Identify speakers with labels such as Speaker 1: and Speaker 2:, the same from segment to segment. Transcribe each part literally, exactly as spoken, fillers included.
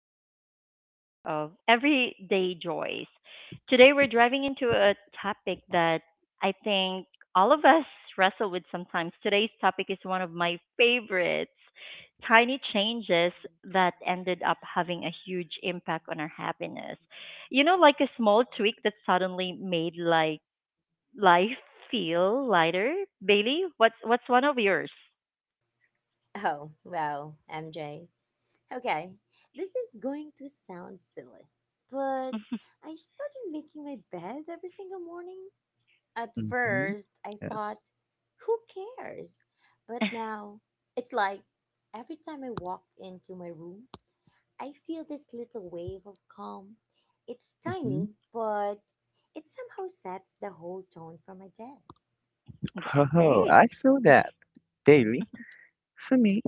Speaker 1: another episode of Everyday Joys. Today, we're driving into a topic that I think all of us wrestle with sometimes. Today's topic is one of my favorites, tiny changes that ended up having a huge impact on our happiness. You know, like a small tweak that suddenly made, like, life feel lighter. Bailey, what's what's one of yours?
Speaker 2: Oh, wow, M J. Okay, this is going to sound silly, but I started making my bed every single morning. At
Speaker 3: Mhm.
Speaker 2: first, I
Speaker 3: Yes.
Speaker 2: thought, who cares? But now, it's like every time I walk into my room, I feel this little wave of calm. It's
Speaker 3: Mhm.
Speaker 2: tiny, but it somehow sets the whole tone for my day.
Speaker 1: Okay,
Speaker 3: Oh,
Speaker 1: great.
Speaker 3: I feel that, daily. For me,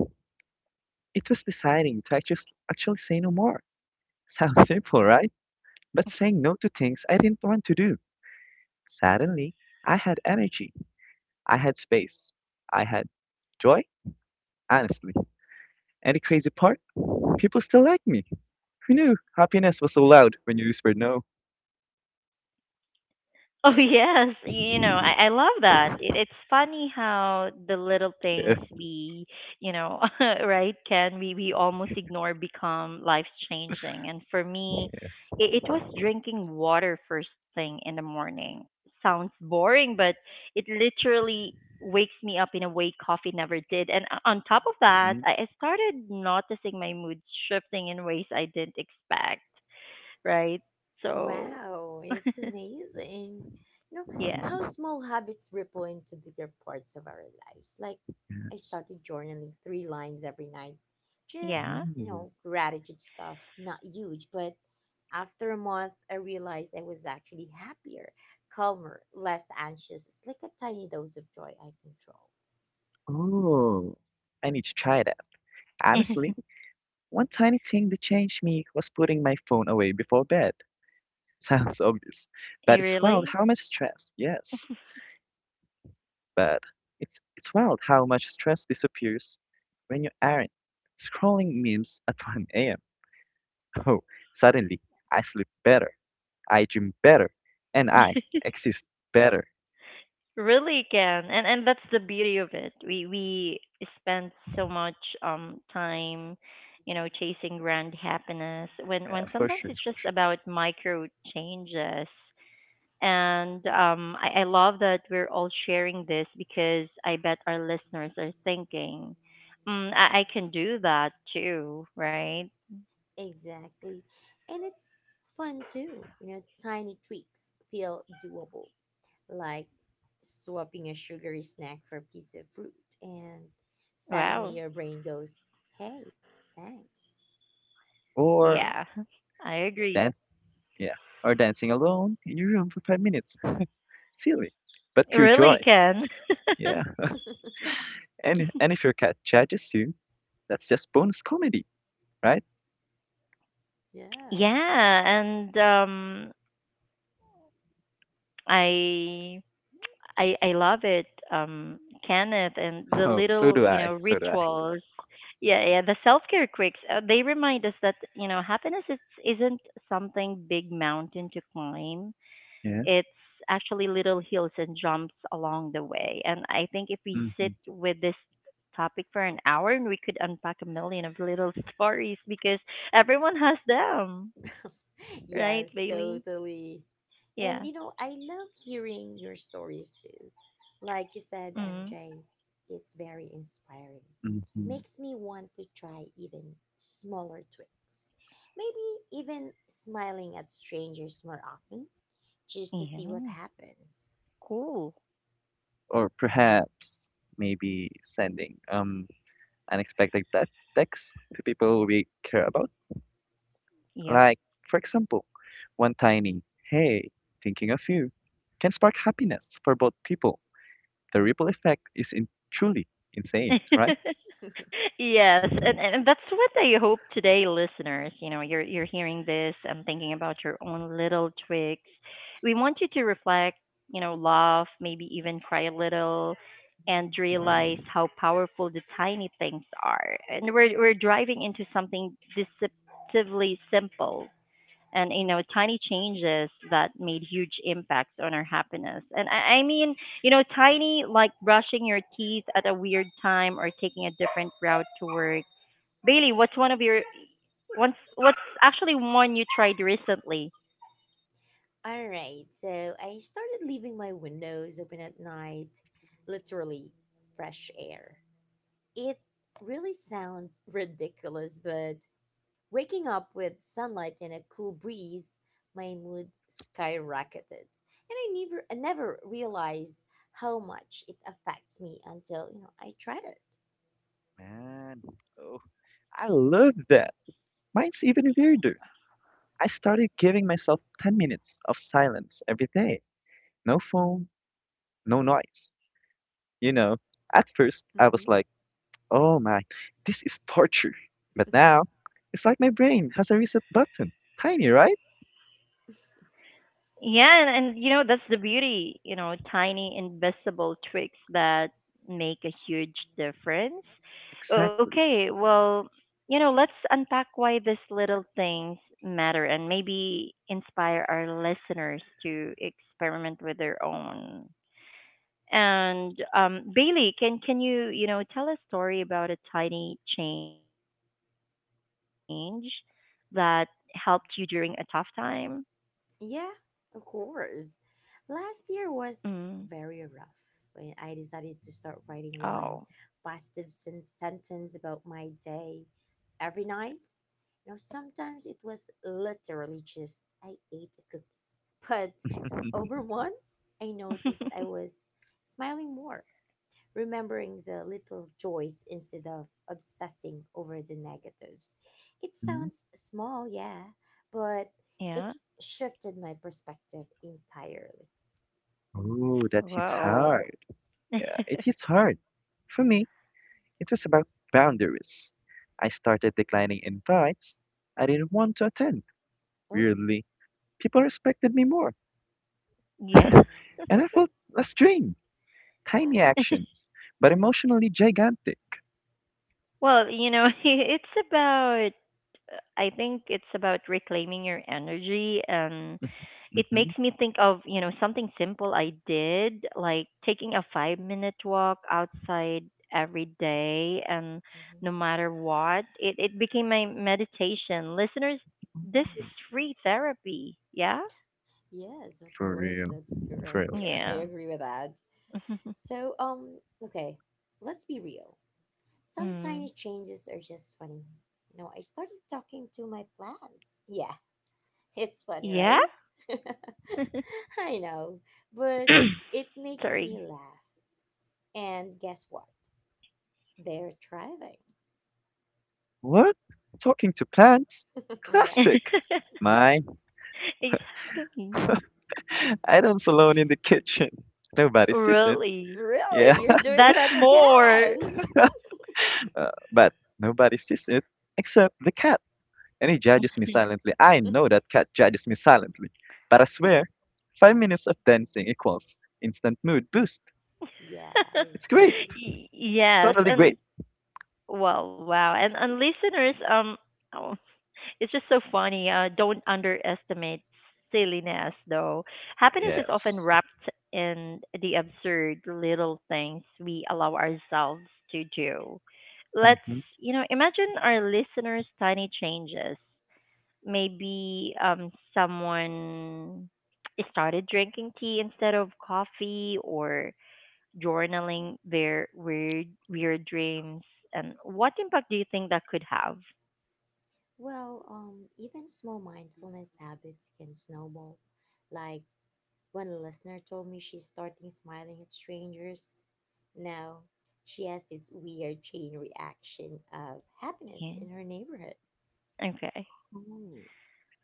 Speaker 3: it was deciding to actually, actually say no more. Sounds simple, right? But saying no to things I didn't want to do. Suddenly, I had energy. I had space. I had joy, honestly. And the crazy part, people still like me. Who knew happiness was so loud when you whispered no?
Speaker 1: Oh yes, you know I, I love that. It, it's funny how the little things
Speaker 3: Yeah.
Speaker 1: we, you know, right, can we we almost ignore, become life changing. And for me,
Speaker 3: Yes.
Speaker 1: it, it was drinking water first thing in the morning. Sounds boring, but it literally wakes me up in a way coffee never did. And o- on top of that,
Speaker 3: Mhm.
Speaker 1: I, I started noticing my mood shifting in ways I didn't expect. Right, so
Speaker 2: Wow, it's amazing. You know,
Speaker 1: yeah,
Speaker 2: how small habits ripple into bigger parts of our lives. Like, I
Speaker 3: Yes.
Speaker 2: started journaling three lines every night.
Speaker 1: yeah.
Speaker 2: Just, you
Speaker 3: Ooh.
Speaker 2: know, gratitude stuff. Not huge, but after a month, I realized I was actually happier, calmer, less anxious. It's like a tiny dose of joy I control.
Speaker 3: Oh, I need to try that. Honestly. One tiny thing that changed me was putting my phone away before bed. Sounds obvious, but
Speaker 1: You
Speaker 3: it's wild
Speaker 1: really?
Speaker 3: how much stress. Yes, but it's it's wild how much stress disappears when you aren't scrolling memes at one a m Oh, suddenly I sleep better, I dream better, and I exist better.
Speaker 1: Really can. And and that's the beauty of it. We we spend so much um time, you know, chasing grand happiness when
Speaker 3: Yeah,
Speaker 1: when
Speaker 3: for
Speaker 1: sometimes
Speaker 3: sure,
Speaker 1: it's
Speaker 3: for
Speaker 1: just
Speaker 3: sure.
Speaker 1: about micro changes. And um I, I love that we're all sharing this because I bet our listeners are thinking, mm, I, I can do that too, right?
Speaker 2: Exactly. And it's fun too. You know, tiny tweaks feel doable, like swapping a sugary snack for a piece of fruit, and suddenly
Speaker 1: Wow.
Speaker 2: your brain goes, hey, thanks,
Speaker 3: Or
Speaker 1: Yeah.
Speaker 2: right?
Speaker 1: I agree.
Speaker 3: dance, yeah, or dancing alone in your room for five minutes. Silly, but pure
Speaker 1: Really
Speaker 3: joy.
Speaker 1: can.
Speaker 3: Yeah. And and if your cat judges you, that's just bonus comedy, right?
Speaker 1: Yeah,
Speaker 2: Yeah.
Speaker 1: and um I I I love it. Um Kenneth and the
Speaker 3: Oh, so
Speaker 1: little,
Speaker 3: do
Speaker 1: you
Speaker 3: I.
Speaker 1: know,
Speaker 3: So do I.
Speaker 1: rituals. Yeah, yeah, the self-care quicks, uh, they remind us that, you know, happiness is isn't something, big mountain to climb.
Speaker 3: Yes.
Speaker 1: It's actually little hills and jumps along the way. And I think if we
Speaker 3: Mm-hmm.
Speaker 1: sit with this topic for an hour, and we could unpack a million of little stories because everyone has them, right,
Speaker 2: Yes,
Speaker 1: Bailey?
Speaker 2: totally. And
Speaker 1: Yeah.
Speaker 2: you know, I love hearing your stories too. Like you said,
Speaker 1: Mm.
Speaker 2: M J, it's very inspiring.
Speaker 3: Mm-hmm.
Speaker 2: Makes me want to try even smaller tweaks. Maybe even smiling at strangers more often just to see what
Speaker 1: Yeah.
Speaker 2: happens.
Speaker 1: Cool.
Speaker 3: Or perhaps maybe sending um unexpected te- texts to people we care about.
Speaker 1: Yep.
Speaker 3: Like, for example, one tiny "Hey, thinking of you" can spark happiness for both people. The ripple effect is in- truly insane, right?
Speaker 1: Yes, and, and that's what I hope today, listeners. You know, you're you're hearing this. I'm thinking about your own little tricks. We want you to reflect. You know, laugh, maybe even cry a little, and realize how powerful the tiny things are. And we're we're driving into something deceptively simple, and you know, tiny changes that made huge impacts on our happiness. And I, I mean, you know, tiny, like brushing your teeth at a weird time or taking a different route to work. Bailey, what's one of your what's what's actually one you tried recently?
Speaker 2: All right, so I started leaving my windows open at night, literally fresh air. It really sounds ridiculous, but waking up with sunlight and a cool breeze, my mood skyrocketed. And I never I never realized how much it affects me until, you know, I tried it.
Speaker 3: Man, oh, I love that. Mine's even weirder. I started giving myself ten minutes of silence every day. No phone, no noise. You know, at first I
Speaker 2: Mhm.
Speaker 3: was like, oh my, this is torture. But now, it's like my brain has a reset button. Tiny, right?
Speaker 1: Yeah, and, and you know, that's the beauty, you know, tiny invisible tricks that make a huge difference. O-
Speaker 3: Exactly.
Speaker 1: Okay, well, you know, let's unpack why these little things matter and maybe inspire our listeners to experiment with their own. And um, Bailey, can can you, you know, tell a story about a tiny change that helped you during a tough time?
Speaker 2: Yeah, of course. Last year
Speaker 1: Mm.
Speaker 2: was very rough when I decided to start writing
Speaker 1: Oh.
Speaker 2: one positive sen- sentence about my day every night. You know, sometimes it was literally just I ate a cookie. But over once, I noticed I was smiling more, remembering the little joys instead of obsessing over the negatives. It
Speaker 3: Mhm.
Speaker 2: sounds small, yeah, but
Speaker 1: Yeah.
Speaker 2: it shifted my perspective entirely.
Speaker 3: Oh, that hits
Speaker 1: Wow.
Speaker 3: hard. Yeah, it hits hard. For me, it was about boundaries. I started declining invites I didn't want to attend.
Speaker 2: Oh,
Speaker 3: Weirdly, people respected me more,
Speaker 1: Yeah.
Speaker 3: and I felt less drained. Tiny actions, but emotionally gigantic.
Speaker 1: Well, you know, it's about, I think it's about reclaiming your energy, and it
Speaker 3: Hmm.
Speaker 1: makes me think of, you know, something simple I did, like taking a five-minute walk outside every day. And no
Speaker 2: mhm.
Speaker 1: matter what, it it became my meditation. Listeners, this is
Speaker 3: Mm.
Speaker 1: free therapy. Yeah?
Speaker 2: Yes, of
Speaker 3: For
Speaker 2: course,
Speaker 3: real.
Speaker 2: that's
Speaker 3: For
Speaker 2: correct.
Speaker 3: real.
Speaker 2: We,
Speaker 3: For
Speaker 2: I
Speaker 1: Yeah.
Speaker 2: agree with that. So, um, okay, let's be real. Some
Speaker 1: Mm.
Speaker 2: tiny changes are just funny. You know, I started talking to my plants. Yeah. It's funny,
Speaker 1: Yeah?
Speaker 2: right? I know, but it makes me
Speaker 1: Sorry.
Speaker 2: laugh. And guess what? They're thriving.
Speaker 3: What? Talking to plants?
Speaker 2: Yeah.
Speaker 3: Classic. Mine.
Speaker 1: Exactly.
Speaker 3: Adams alone in the kitchen. Nobody sees it.
Speaker 1: Really.
Speaker 3: Yeah.
Speaker 2: Really? You're doing
Speaker 1: That's
Speaker 2: that,
Speaker 1: more.
Speaker 2: Ken?
Speaker 3: Uh, but nobody sees it except the cat. And he judges me silently. I know that cat judges me silently. But I swear, five minutes of dancing equals instant mood boost.
Speaker 2: Yeah, I
Speaker 3: It's great.
Speaker 2: agree.
Speaker 1: Y-
Speaker 3: It's
Speaker 1: yes,
Speaker 3: totally
Speaker 1: and
Speaker 3: great.
Speaker 1: well, wow. And and listeners, um oh, it's just so funny. Uh, don't underestimate silliness though. Happiness is often
Speaker 3: Yes.
Speaker 1: wrapped in the absurd little things we allow ourselves to do. Let's,
Speaker 3: Hmm.
Speaker 1: you know, imagine our listeners' tiny changes. Maybe um someone started drinking tea instead of coffee, or journaling their weird weird dreams. And what impact do you think that could have?
Speaker 2: Well, um, even small mindfulness habits can snowball. Like when a listener told me she's starting smiling at strangers, now she has this weird chain reaction of happiness
Speaker 1: Yeah,
Speaker 2: in her neighborhood.
Speaker 1: okay.
Speaker 3: Cool.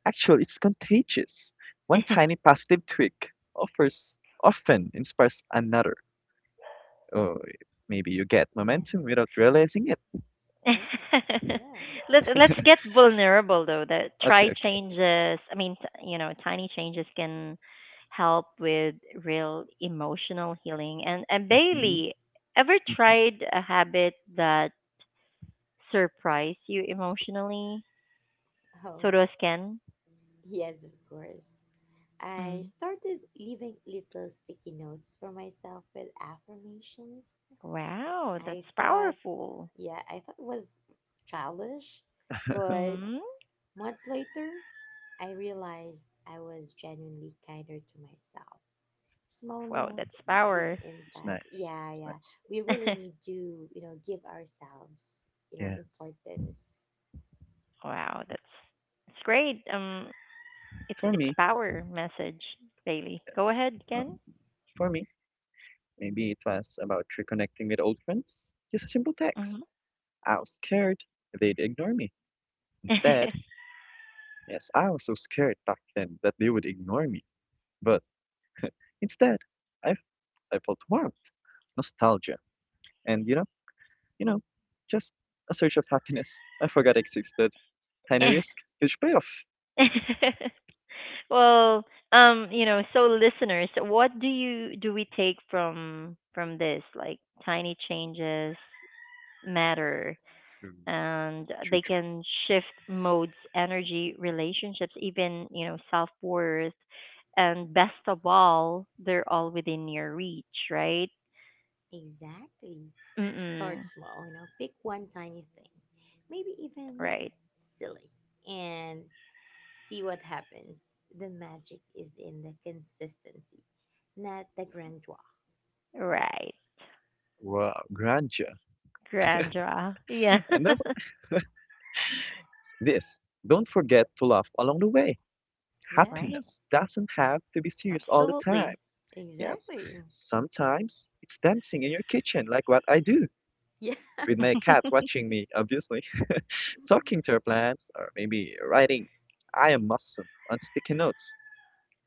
Speaker 3: Actually, it's contagious. One tiny positive tweak offers often inspires another. Oh, maybe you get
Speaker 2: Yeah.
Speaker 3: momentum without realizing it.
Speaker 2: Oh, yeah.
Speaker 1: let's let's get vulnerable though. That
Speaker 3: Okay,
Speaker 1: try
Speaker 3: okay.
Speaker 1: changes, I mean, t- you know, tiny changes can help with real emotional healing. And and
Speaker 3: Mhm,
Speaker 1: Bailey, ever
Speaker 3: mhm,
Speaker 1: tried a habit that surprise you emotionally?
Speaker 2: Oh,
Speaker 1: So does Ken.
Speaker 2: yes, of course. I
Speaker 1: Mm.
Speaker 2: started leaving little sticky notes for myself with affirmations.
Speaker 1: Wow,
Speaker 2: I
Speaker 1: that's
Speaker 2: thought,
Speaker 1: powerful.
Speaker 2: yeah, I thought it was childish, but
Speaker 1: Mm.
Speaker 2: months later, I realized I was genuinely kinder to myself. Small
Speaker 1: Wow, that's
Speaker 2: note,
Speaker 3: mhm.
Speaker 2: big
Speaker 1: power.
Speaker 3: It's
Speaker 2: impact.
Speaker 3: nice.
Speaker 2: Yeah,
Speaker 3: It's
Speaker 2: yeah.
Speaker 3: nice.
Speaker 2: We really need to, you know, give ourselves, you know,
Speaker 3: Yes.
Speaker 2: importance.
Speaker 1: Wow, that's, it's great. Um, it's
Speaker 3: For
Speaker 1: it's
Speaker 3: me,
Speaker 1: power message, Bailey. Go
Speaker 3: yes.
Speaker 1: ahead, Ken.
Speaker 3: Um, for me, maybe it was about reconnecting with old friends. Just a simple text.
Speaker 1: Hmm.
Speaker 3: I was scared they'd ignore me. Instead, yes, I was so scared back then that they would ignore me. But instead, I, I felt warmth, nostalgia, and you know, you know, just a search of happiness I forgot existed. Tiny risk, huge payoff.
Speaker 1: Well, um, you know, so listeners, what do you do we take from from this? Like, tiny changes matter,
Speaker 3: True,
Speaker 1: and
Speaker 3: true,
Speaker 1: they
Speaker 3: true.
Speaker 1: can shift modes, energy, relationships, even, you know, self-worth. And best of all, they're all within your reach, right?
Speaker 2: Exactly. Start
Speaker 1: Mm-mm.
Speaker 2: small, you know, pick one tiny thing, maybe even
Speaker 1: Right.
Speaker 2: silly, and see what happens. The magic is in the consistency, not the grandeur.
Speaker 1: Right.
Speaker 3: Wow, grandeur.
Speaker 1: Grandra. Yeah.
Speaker 3: And of this, don't forget to laugh along the way.
Speaker 2: Yeah,
Speaker 1: Right.
Speaker 3: Happiness doesn't have to be serious all the time.
Speaker 1: Absolutely.
Speaker 3: Yes,
Speaker 2: exactly.
Speaker 3: sometimes it's dancing in your kitchen, like what I do
Speaker 2: Yeah.
Speaker 3: with my cat watching me, obviously, talking to her plants, or maybe writing I am awesome on sticky notes.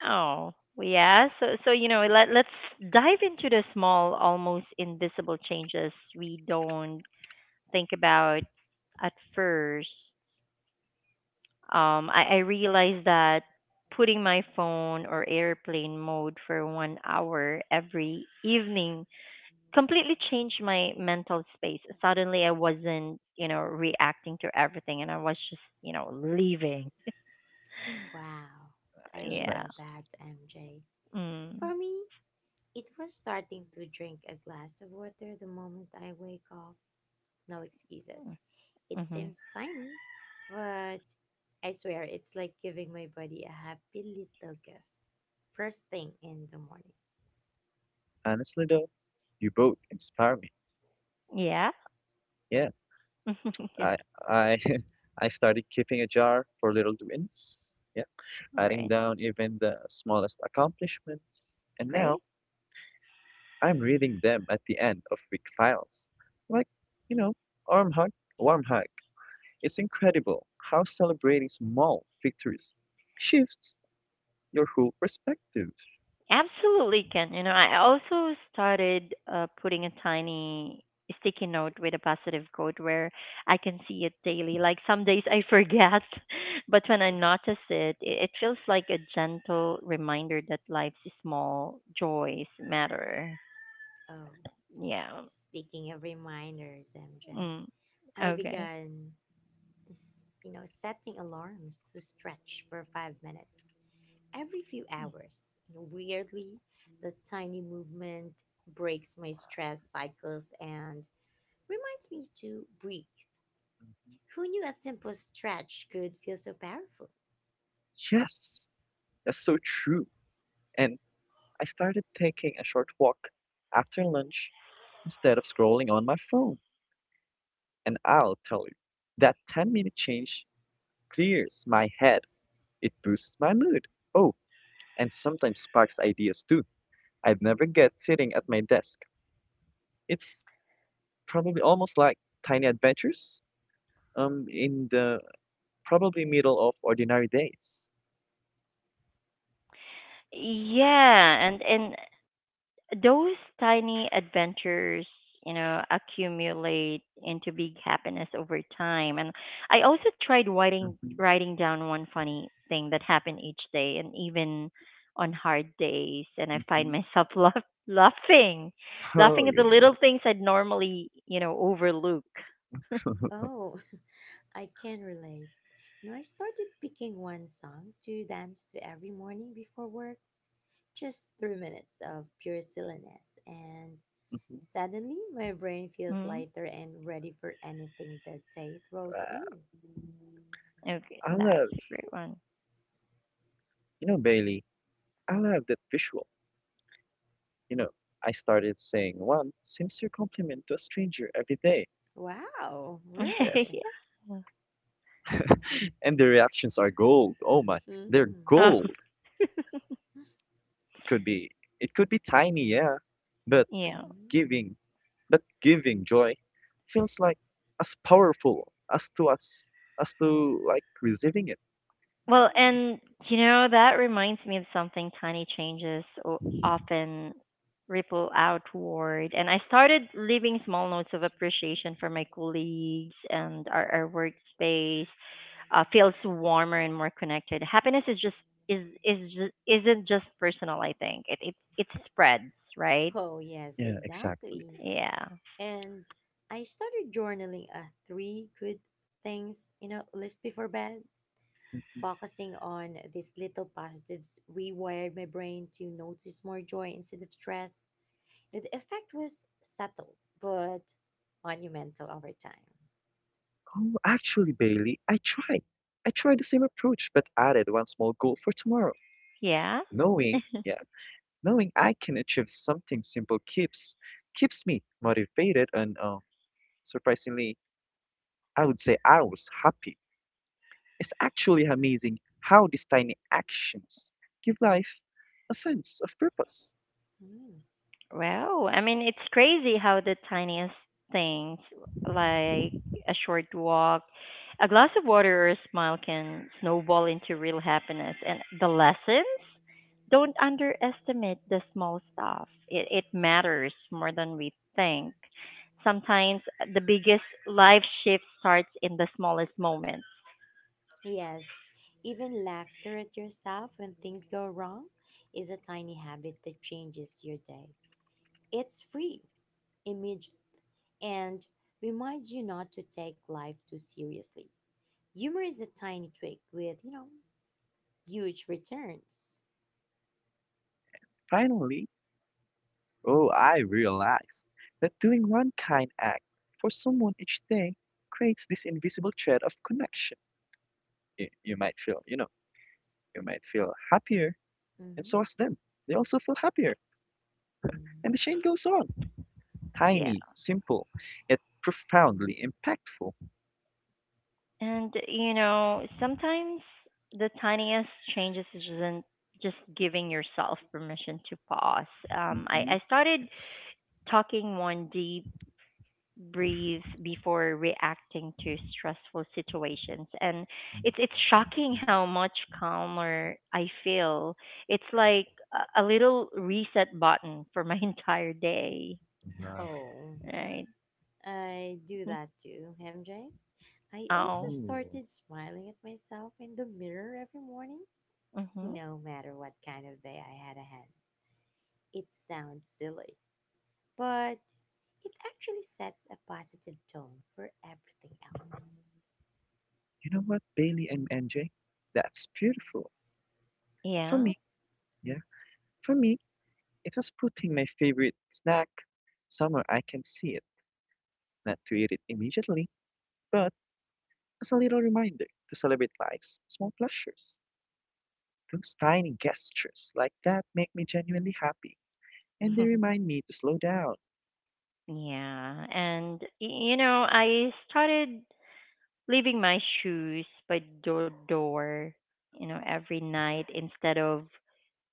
Speaker 1: Oh, yeah. So, so, you know, let let's dive into the small, almost invisible changes we don't think about at first. Um, I, I realized that putting my phone or airplane mode for one hour every evening completely changed my mental space. Suddenly, I wasn't, you know, reacting to everything, and I was just, you know, leaving.
Speaker 2: Wow, I
Speaker 3: Nice,
Speaker 1: Yeah.
Speaker 2: love
Speaker 3: nice.
Speaker 2: that, M J.
Speaker 1: Mm.
Speaker 2: For me, it was starting to drink a glass of water the moment I wake up. No excuses. It
Speaker 1: Mm-hmm.
Speaker 2: seems tiny, but I swear it's like giving my body a happy little gift. First thing in the morning.
Speaker 3: Honestly, though, you both inspire me.
Speaker 1: Yeah.
Speaker 3: Yeah,
Speaker 1: Okay.
Speaker 3: I I I started keeping a jar for little wins. Yeah,
Speaker 1: All
Speaker 3: writing
Speaker 1: right.
Speaker 3: down even the smallest accomplishments, and now
Speaker 1: Great.
Speaker 3: I'm reading them at the end of week files. Like, you know, arm hug, warm hug. It's incredible how celebrating small victories shifts your whole perspective.
Speaker 1: Absolutely can. You know, I also started uh, putting a tiny sticky note with a positive quote where I can see it daily. Like, some days I forget, but when I notice it, it, it feels like a gentle reminder that life's small joys matter.
Speaker 2: Oh,
Speaker 1: Yeah.
Speaker 2: speaking of reminders, M J,
Speaker 1: Mm.
Speaker 2: I
Speaker 1: Okay.
Speaker 2: began, s- you know, setting alarms to stretch for five minutes every few hours. You know, weirdly, the tiny movement breaks my stress cycles and reminds me to breathe. Who knew a simple stretch could feel so powerful?
Speaker 3: Yes, that's so true. And I started taking a short walk after lunch instead of scrolling on my phone. And I'll tell you, that ten minute change clears my head. It boosts my mood. Oh, and sometimes sparks ideas too. I'd never get sitting at my desk. It's probably almost like tiny adventures um, in the probably middle of ordinary days.
Speaker 1: Yeah, and and those tiny adventures, you know, accumulate into big happiness over time. And I also tried writing
Speaker 3: Mhm,
Speaker 1: writing down one funny thing that happened each day, and even on hard days, and I find
Speaker 3: mhm.
Speaker 1: myself laugh, laughing
Speaker 3: Oh,
Speaker 1: laughing at the
Speaker 3: really?
Speaker 1: little things I'd normally, you know, overlook.
Speaker 2: Oh, I can relate. You know, I started picking one song to dance to every morning before work, just three minutes of pure silliness, and
Speaker 3: Mhm.
Speaker 2: suddenly my brain feels
Speaker 1: Mm.
Speaker 2: lighter and ready for anything the day throws at
Speaker 3: Wow.
Speaker 2: me.
Speaker 1: Okay,
Speaker 3: I
Speaker 1: that's
Speaker 3: love,
Speaker 1: a great one.
Speaker 3: you know, Bailey, I love that visual. You know, I started saying one sincere compliment to a stranger every day.
Speaker 2: Wow,
Speaker 3: Yes.
Speaker 2: really?
Speaker 1: Yeah.
Speaker 3: And the reactions are gold. Oh my, they're
Speaker 2: Hmm.
Speaker 1: Oh,
Speaker 3: gold. Could be it could be tiny, yeah, but
Speaker 1: yeah.
Speaker 2: Mm-hmm.
Speaker 3: giving but giving joy feels like as powerful as to us as to like receiving it.
Speaker 1: Well,
Speaker 2: Mm.
Speaker 1: and you know, that reminds me of something, tiny changes o- often ripple outward. And I started leaving small notes of appreciation for my colleagues, and our, our workspace uh, feels warmer and more connected. Happiness is just is is just, isn't just personal, I think. It it it spreads, right?
Speaker 2: Oh, yes,
Speaker 3: Yeah, exactly.
Speaker 2: exactly.
Speaker 1: Yeah.
Speaker 2: And I started journaling a three good things, you know, list before bed. Focusing on these little positives rewired my brain to notice more joy instead of stress. You know, the effect was subtle but monumental over time.
Speaker 3: Oh, actually, Bailey, I tried. I tried the same approach, but added one small goal for tomorrow.
Speaker 1: Yeah.
Speaker 3: Knowing, yeah, Knowing I can achieve something simple keeps keeps me motivated and uh, surprisingly, I would say I was happy. It's actually amazing how these tiny actions give life a sense of purpose.
Speaker 2: Hmm.
Speaker 1: Wow. I mean, it's crazy how the tiniest things, like a short walk, a glass of water, or a smile can snowball into real happiness. And the lessons? Don't underestimate the small stuff. It, it matters more than we think. Sometimes the biggest life shift starts in the smallest moments.
Speaker 2: Yes, even laughter at yourself when things go wrong is a tiny habit that changes your day. It's free, image, and reminds you not to take life too seriously. Humor is a tiny twig with, you know, huge returns.
Speaker 3: Finally, oh, I realized that doing one kind act for someone each day creates this invisible thread of connection. You, you might feel, you know, you might feel happier, and so
Speaker 2: Hmm
Speaker 3: as them. They also feel happier, and the chain goes on.
Speaker 1: Yeah.
Speaker 3: Tiny, simple, yet profoundly impactful.
Speaker 1: And you know, sometimes the tiniest changes isn't just giving yourself permission to pause. Um, I,
Speaker 3: Mm-hmm.
Speaker 1: I started
Speaker 3: Yes.
Speaker 1: talking one deep breathe before reacting to stressful situations, and
Speaker 3: Mhm.
Speaker 1: it's it's shocking
Speaker 3: Yeah.
Speaker 1: how much calmer I feel. It's like a, a little reset button for my entire day.
Speaker 3: Wow.
Speaker 2: Oh,
Speaker 1: Right.
Speaker 2: I do that too, M J. I also
Speaker 1: Oh.
Speaker 3: Ooh.
Speaker 2: started smiling at myself in the mirror every morning,
Speaker 1: Mhm.
Speaker 2: no matter what kind of day I had ahead. It sounds silly, but it actually sets a positive tone for everything else.
Speaker 3: You know what, Bailey and M J? That's beautiful. For
Speaker 1: Yeah.
Speaker 3: me, yeah, for me, it was putting my favorite snack somewhere I can see it, not to eat it immediately, but as a little reminder to celebrate life's small pleasures. Those tiny gestures like that make me genuinely happy, and they remind me to slow down.
Speaker 1: Yeah, and y- you know, I started leaving my shoes by the door, you know, every night instead of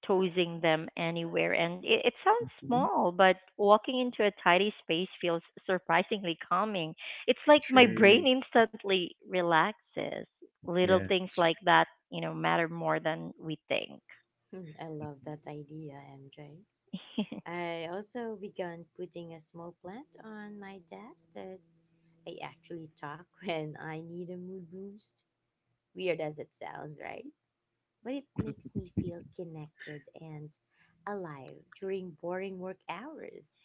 Speaker 1: tossing them anywhere. And it, it sounds
Speaker 3: Mm-hmm.
Speaker 1: small, but walking into a tidy space feels surprisingly calming. It's like my brain
Speaker 3: Sure.
Speaker 1: instantly relaxes. Little
Speaker 3: Yeah,
Speaker 1: things
Speaker 3: it's
Speaker 1: like
Speaker 3: chicken.
Speaker 1: that, you know, matter more than we think.
Speaker 2: Hmm, I love that idea, M J. I also began putting a small plant on my desk that I actually talk when I need a mood boost. Weird as it sounds, right? But it makes me feel connected and alive during boring work hours.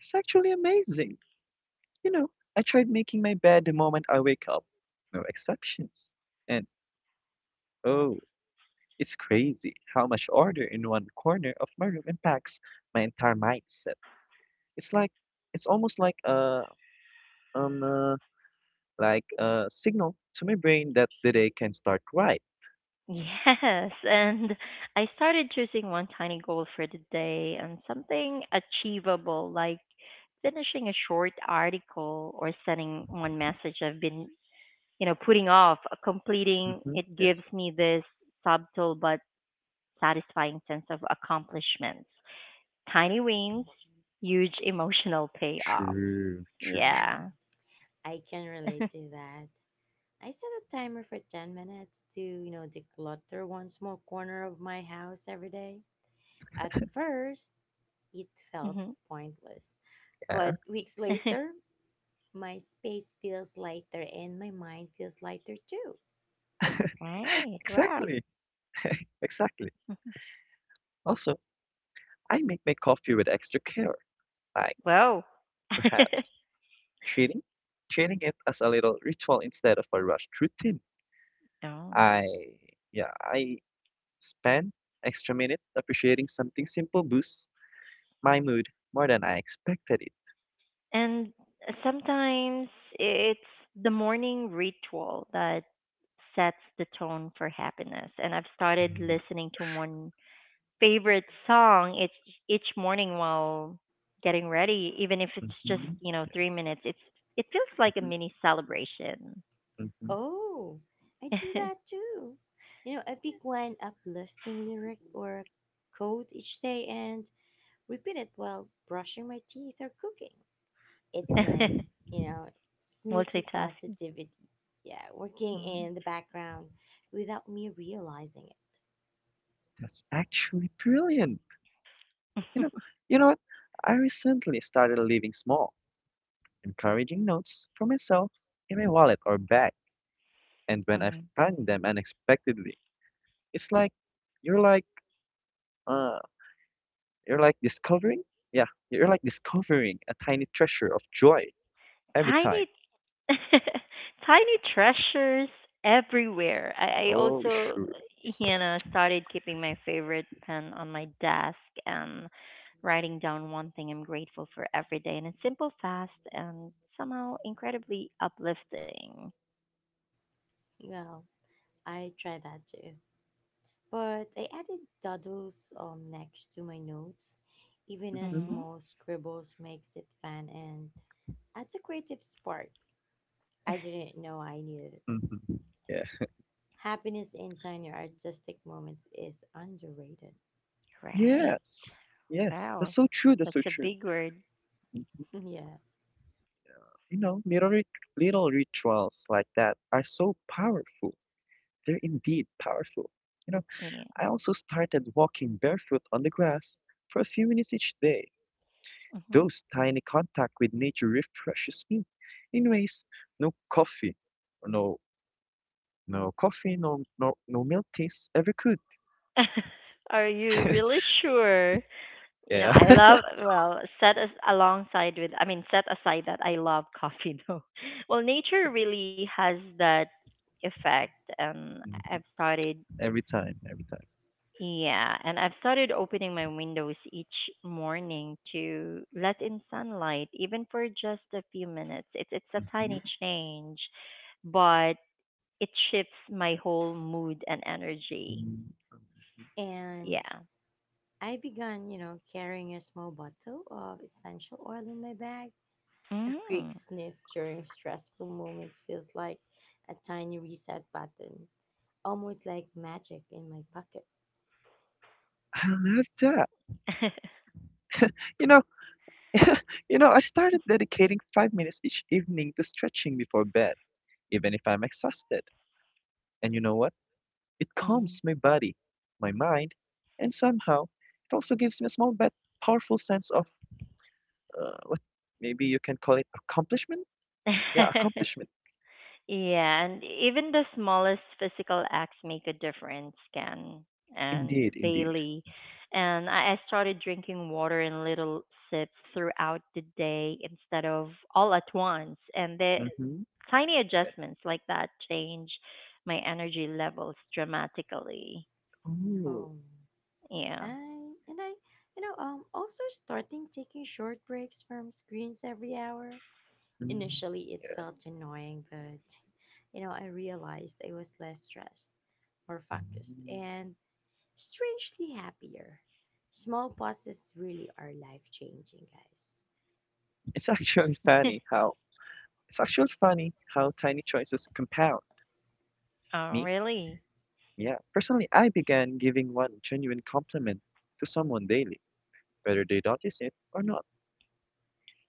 Speaker 3: It's actually amazing. You know, I tried making my bed the moment I wake up. No exceptions. And oh, it's crazy how much order in one corner of my room impacts my entire mindset. It's like it's almost like a um uh, like a signal to my brain that the day can start right.
Speaker 1: Yes, and I started choosing one tiny goal for the day, and something achievable, like finishing a short article or sending one message I've been, you know, putting off. Completing
Speaker 3: Hmm.
Speaker 1: it
Speaker 3: Yes,
Speaker 1: gives
Speaker 3: yes.
Speaker 1: me this subtle but satisfying sense of accomplishment. Tiny wins, huge emotional payoff.
Speaker 3: True, true, true.
Speaker 2: Mm,
Speaker 1: Yeah.
Speaker 2: I can relate to that. I set a timer for ten minutes to, you know, declutter one small corner of my house every day. At first, it felt
Speaker 1: Mhm.
Speaker 2: pointless.
Speaker 3: Yeah,
Speaker 2: But weeks later, my space feels lighter and my mind feels lighter too.
Speaker 1: Right. Wow.
Speaker 3: exactly, exactly. Also, I make my coffee with extra care. Like
Speaker 1: Whoa.
Speaker 3: perhaps treating treating it as a little ritual instead of a rushed routine.
Speaker 1: Oh.
Speaker 3: I yeah, I spend extra minute appreciating something simple boosts my mood more than I expected it.
Speaker 1: And sometimes it's the morning ritual that sets the tone for happiness. And I've started listening to one favorite song each each morning while getting ready, even if it's just,
Speaker 3: Mhm,
Speaker 1: you know, three minutes. It's, it feels like a
Speaker 3: mhm,
Speaker 1: mini celebration.
Speaker 3: mhm.
Speaker 2: Oh, I do that too. You know, I pick one uplifting lyric or quote each day and repeat it while brushing my teeth or cooking. It's like, you know, sneaky
Speaker 1: Multitasking.
Speaker 2: positivity. Yeah, working
Speaker 1: Mm.
Speaker 2: in the background without me realizing it.
Speaker 3: That's actually brilliant. You know, you know what? I recently started leaving small, encouraging notes for myself in my wallet or bag, and when I
Speaker 1: Mhm.
Speaker 3: find them unexpectedly, it's like you're like uh, You're like discovering, yeah, you're like discovering a tiny treasure of joy every time.
Speaker 1: Tiny. Tiny treasures everywhere. I, I
Speaker 3: Oh,
Speaker 1: also,
Speaker 3: sure.
Speaker 1: you
Speaker 3: Yes.
Speaker 1: know, started keeping my favorite pen on my desk and writing down one thing I'm grateful for every day. And it's simple, fast, and somehow incredibly uplifting.
Speaker 2: Well, I tried that too. But I added doodles um, next to my notes. Even a
Speaker 3: Mhm.
Speaker 1: Hmm.
Speaker 2: small scribbles makes it fun and adds a creative spark. I didn't know I needed.
Speaker 3: Mhm. Yeah.
Speaker 2: Happiness in tiny artistic moments is underrated.
Speaker 1: Right.
Speaker 3: Yes. Yes. That's
Speaker 1: Wow.
Speaker 3: so true. That's
Speaker 1: That's
Speaker 3: so
Speaker 1: a
Speaker 3: true.
Speaker 1: big word.
Speaker 2: Yeah.
Speaker 3: You know, little rit- little rituals like that are so powerful. They're indeed powerful. You know,
Speaker 1: Yeah.
Speaker 3: I also started walking barefoot on the grass for a few minutes each day.
Speaker 1: Hmm.
Speaker 3: Those tiny contact with nature refreshes me in ways no coffee, no No coffee, no no no milk tastes ever good.
Speaker 1: Are you really sure? You know,
Speaker 3: Yeah.
Speaker 1: I love well set as alongside with I mean, set aside that I love coffee though. Well, nature really has that effect,
Speaker 2: If,
Speaker 1: and
Speaker 3: Mhm.
Speaker 1: I've started
Speaker 3: Every time, every time.
Speaker 1: yeah, and I've started opening my windows each morning to let in sunlight, even for just a few minutes. It's it's a
Speaker 3: Mhm.
Speaker 1: tiny change, but it shifts my whole mood and energy.
Speaker 3: Mm.
Speaker 2: and
Speaker 1: Yeah.
Speaker 2: I began, you know, carrying a small bottle of essential oil in my bag. A quick
Speaker 1: Mm.
Speaker 2: sniff during stressful moments feels like a tiny reset button, almost like magic in my pocket.
Speaker 3: I love that. You know, you know, I started dedicating five minutes each evening to stretching before bed, even if I'm exhausted. And you know what? It calms my body, my mind, and somehow it also gives me a small but powerful sense of uh, what maybe you can call it accomplishment? Yeah,
Speaker 1: Mhm.
Speaker 3: accomplishment.
Speaker 1: Yeah, and even the smallest physical acts make a difference, Ken and
Speaker 3: Indeed, indeed.
Speaker 1: Bailey. And I, I started drinking water in little sips throughout the day instead of all at once. And the
Speaker 3: Mm-hmm.
Speaker 1: tiny
Speaker 3: Yeah.
Speaker 1: adjustments like that change my energy levels dramatically.
Speaker 3: Ooh.
Speaker 2: Home. I
Speaker 1: Yeah.
Speaker 2: and I, you know, um, also starting taking short breaks from screens every hour.
Speaker 3: Mm,
Speaker 2: Initially, it
Speaker 3: yeah.
Speaker 2: felt annoying, but you know, I realized I was less stressed, more focused, and strangely happier. Small pauses really are life changing, guys.
Speaker 3: It's actually funny how it's actually funny how tiny choices compound.
Speaker 1: Oh,
Speaker 3: Me,
Speaker 1: really?
Speaker 3: yeah. Personally, I began giving one genuine compliment to someone daily, whether they notice it or not.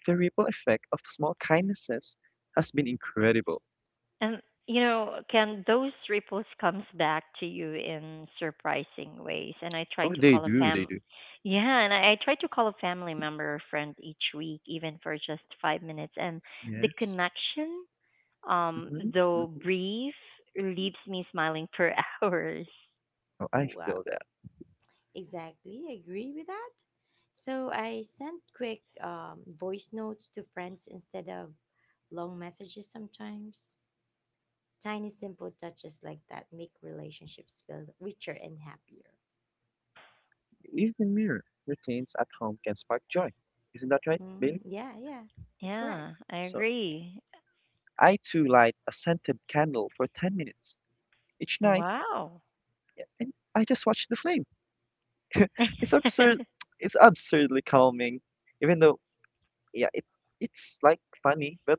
Speaker 3: The ripple effect of small kindnesses has been incredible.
Speaker 1: And you know, can those ripples comes back to you in surprising ways. And I try
Speaker 3: Oh,
Speaker 1: to
Speaker 3: they
Speaker 1: call a
Speaker 3: do, they
Speaker 1: fam
Speaker 3: do.
Speaker 1: yeah, and I, I try to call a family member or friend each week, even for just five minutes. And the
Speaker 3: Yes.
Speaker 1: connection, um,
Speaker 3: Mm-hmm,
Speaker 1: though
Speaker 3: mm-hmm.
Speaker 1: brief, leaves me smiling for hours.
Speaker 3: Oh, I
Speaker 2: Wow.
Speaker 3: feel that.
Speaker 2: Exactly, agree with that. So I sent quick um, voice notes to friends instead of long messages sometimes. Tiny, simple touches like that make relationships feel richer and happier.
Speaker 3: Even mirror routines at home can spark joy. Isn't that right,
Speaker 2: Hmm,
Speaker 3: Bailey?
Speaker 2: yeah, yeah, that's correct.
Speaker 1: Yeah, I
Speaker 3: So
Speaker 1: agree.
Speaker 3: I too light a scented candle for ten minutes each night.
Speaker 1: Wow.
Speaker 3: Yeah, and I just watched the flame. It's absurd.
Speaker 1: And
Speaker 3: It's absurdly calming, even though yeah, it it's like funny, but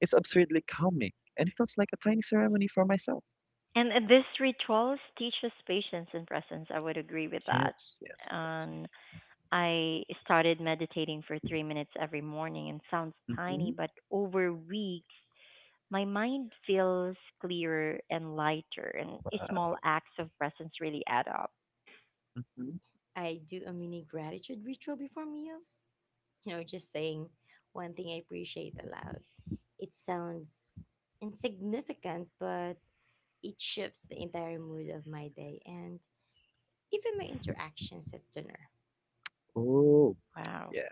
Speaker 3: it's absurdly calming, and it feels like a tiny ceremony for myself.
Speaker 1: uh, these rituals teach us patience and presence. I would agree with that.
Speaker 3: Yes, yes, yes.
Speaker 1: And I started meditating for three minutes every morning, and sounds tiny,
Speaker 3: Mm-hmm.
Speaker 1: but over weeks, my mind feels clearer and lighter, and small
Speaker 3: Wow.
Speaker 1: acts of presence really add up.
Speaker 3: Mm-hmm.
Speaker 2: I do a mini gratitude ritual before meals, you know, just saying one thing I appreciate aloud. It sounds insignificant, but it shifts the entire mood of my day and even my interactions at dinner.
Speaker 3: Oh,
Speaker 1: Wow.
Speaker 3: yeah,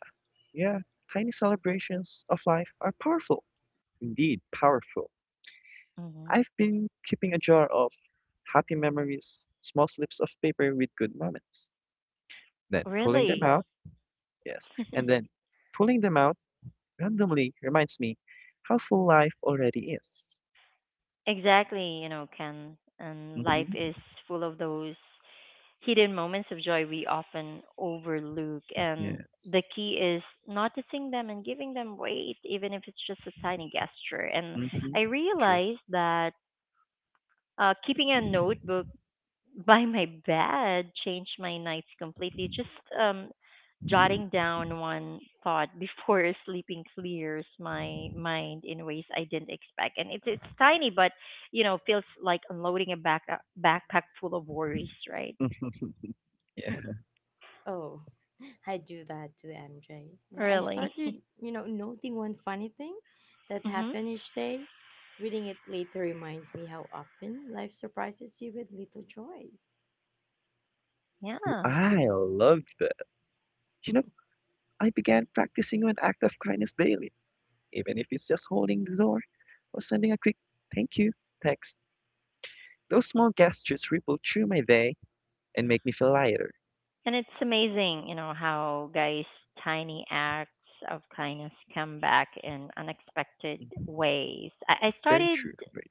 Speaker 3: yeah. Tiny celebrations of life are powerful, indeed powerful.
Speaker 1: Hmm.
Speaker 3: I've been keeping a jar of happy memories, small slips of paper with good moments, then pulling them
Speaker 1: Really?
Speaker 3: out. Yes, and then pulling them out randomly reminds me how full life already is.
Speaker 1: Exactly, you know, Ken. And life is
Speaker 3: Hmm.
Speaker 1: full of those hidden moments of joy we often overlook. And the
Speaker 3: Yes.
Speaker 1: key is noticing them and giving them weight, even if it's just a tiny gesture. And
Speaker 3: Hmm.
Speaker 1: I
Speaker 3: True.
Speaker 1: realized that, uh, keeping a notebook by my bed changed my nights completely. Just um, jotting down one thought before sleeping clears my mind in ways I didn't expect. And it's it's tiny, but you know, feels like unloading a back uh, backpack full of worries, right?
Speaker 3: Yeah.
Speaker 2: Oh, I do that to M J. You know, I
Speaker 1: Really.
Speaker 2: started, you know, noting one funny thing that
Speaker 1: Hmm.
Speaker 2: happened each day. Reading it later reminds me how often life surprises you with little joys.
Speaker 1: Yeah.
Speaker 3: I love that. You know, I began practicing an act of kindness daily, even if it's just holding the door or sending a quick thank you text. Those small gestures ripple through my day and make me feel lighter.
Speaker 1: And it's amazing, you know, how guys' tiny acts of kindness come back in unexpected
Speaker 3: Mhm.
Speaker 1: ways. I, I
Speaker 3: Very
Speaker 1: started
Speaker 3: true, very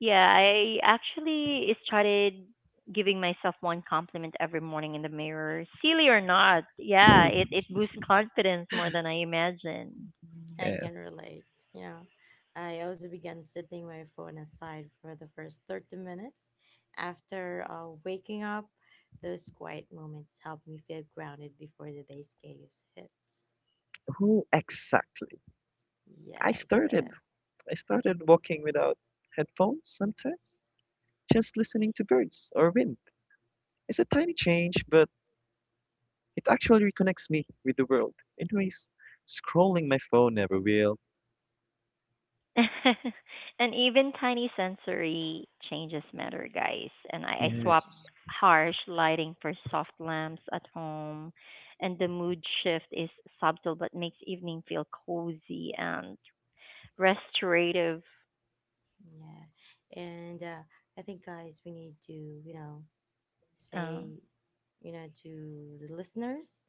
Speaker 1: Yeah, I actually started giving myself one compliment every morning in the mirror. Silly or not, yeah,
Speaker 3: true.
Speaker 1: it, it boosts confidence more than I imagined.
Speaker 2: I can
Speaker 3: Yes.
Speaker 2: relate. Yeah. I also began setting my phone aside for the first thirty minutes after uh, waking up. Those quiet moments help me feel grounded before the day's chaos hits.
Speaker 3: Oh, exactly. I
Speaker 2: Yes.
Speaker 3: started
Speaker 2: Uh,
Speaker 3: I started walking without headphones sometimes. Just listening to birds or wind is a tiny change, but it actually reconnects me with the world in ways scrolling my phone never will.
Speaker 1: And even tiny sensory changes matter, guys. And I, I swapped
Speaker 2: yeah.
Speaker 3: Yes.
Speaker 1: harsh lighting for soft lamps at home. And the mood shift is subtle, but makes evening feel cozy and restorative.
Speaker 2: Yeah. And uh, I think, guys, we need to, you know,
Speaker 1: Uh,
Speaker 2: say, you know, to the listeners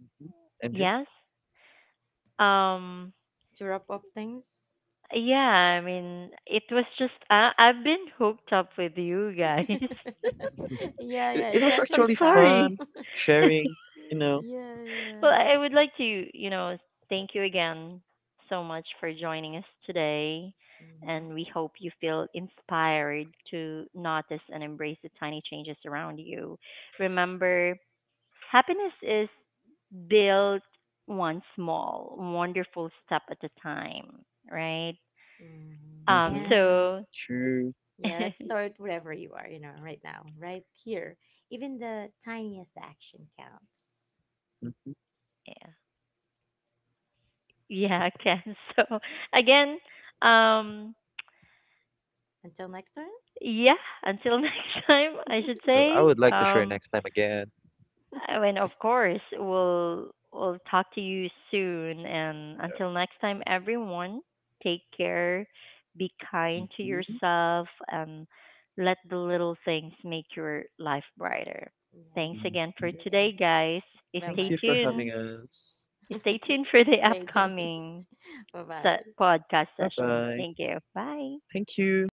Speaker 3: Mhm. M J?
Speaker 1: yes. Um,
Speaker 2: to wrap up things.
Speaker 1: yeah, I mean, it was just I I've been hooked up with you guys.
Speaker 2: Yeah, yeah,
Speaker 3: It, it
Speaker 2: it's
Speaker 3: was
Speaker 1: I'm
Speaker 2: actually
Speaker 3: actually
Speaker 2: time.
Speaker 1: sorry.
Speaker 3: fun sharing, you know.
Speaker 2: Yeah, yeah.
Speaker 1: Well, I would like to, you know, thank you again so much for joining us today.
Speaker 2: Hmm.
Speaker 1: And we hope you feel inspired to notice and embrace the tiny changes around you. Remember, happiness is built one small, wonderful step at a time, right?
Speaker 2: Hmm.
Speaker 1: Um,
Speaker 3: Mm-hmm.
Speaker 2: And
Speaker 1: so,
Speaker 3: True.
Speaker 2: yeah,
Speaker 1: yeah.
Speaker 2: let's start wherever you are, you know, right now, right here. Even the tiniest action counts.
Speaker 3: Mm-hmm.
Speaker 1: Yeah, I can. So again, um,
Speaker 2: Until next time.
Speaker 1: yeah, until next time, I should
Speaker 3: Oh, I
Speaker 1: say.
Speaker 3: would like to share
Speaker 1: Um,
Speaker 3: next time again.
Speaker 1: I mean, of course, we'll we'll talk to you soon. And
Speaker 3: So,
Speaker 1: until next time, everyone, take care, be kind to
Speaker 3: Mm-hmm.
Speaker 1: yourself, and let the little things make your life brighter. Thanks
Speaker 2: Yes,
Speaker 1: again for
Speaker 3: Mm-hmm.
Speaker 2: you
Speaker 1: today,
Speaker 2: guys.
Speaker 1: guys.
Speaker 2: Bye
Speaker 3: Thank
Speaker 1: Stay
Speaker 3: you
Speaker 2: bye
Speaker 3: for
Speaker 2: for now.
Speaker 3: having
Speaker 1: tuned.
Speaker 3: us.
Speaker 1: Stay tuned for the
Speaker 2: Stay tuned.
Speaker 1: upcoming
Speaker 2: Bye
Speaker 1: se-
Speaker 2: bye.
Speaker 1: podcast
Speaker 3: Bye
Speaker 1: session.
Speaker 3: bye.
Speaker 1: Thank you. Bye.
Speaker 3: Thank you.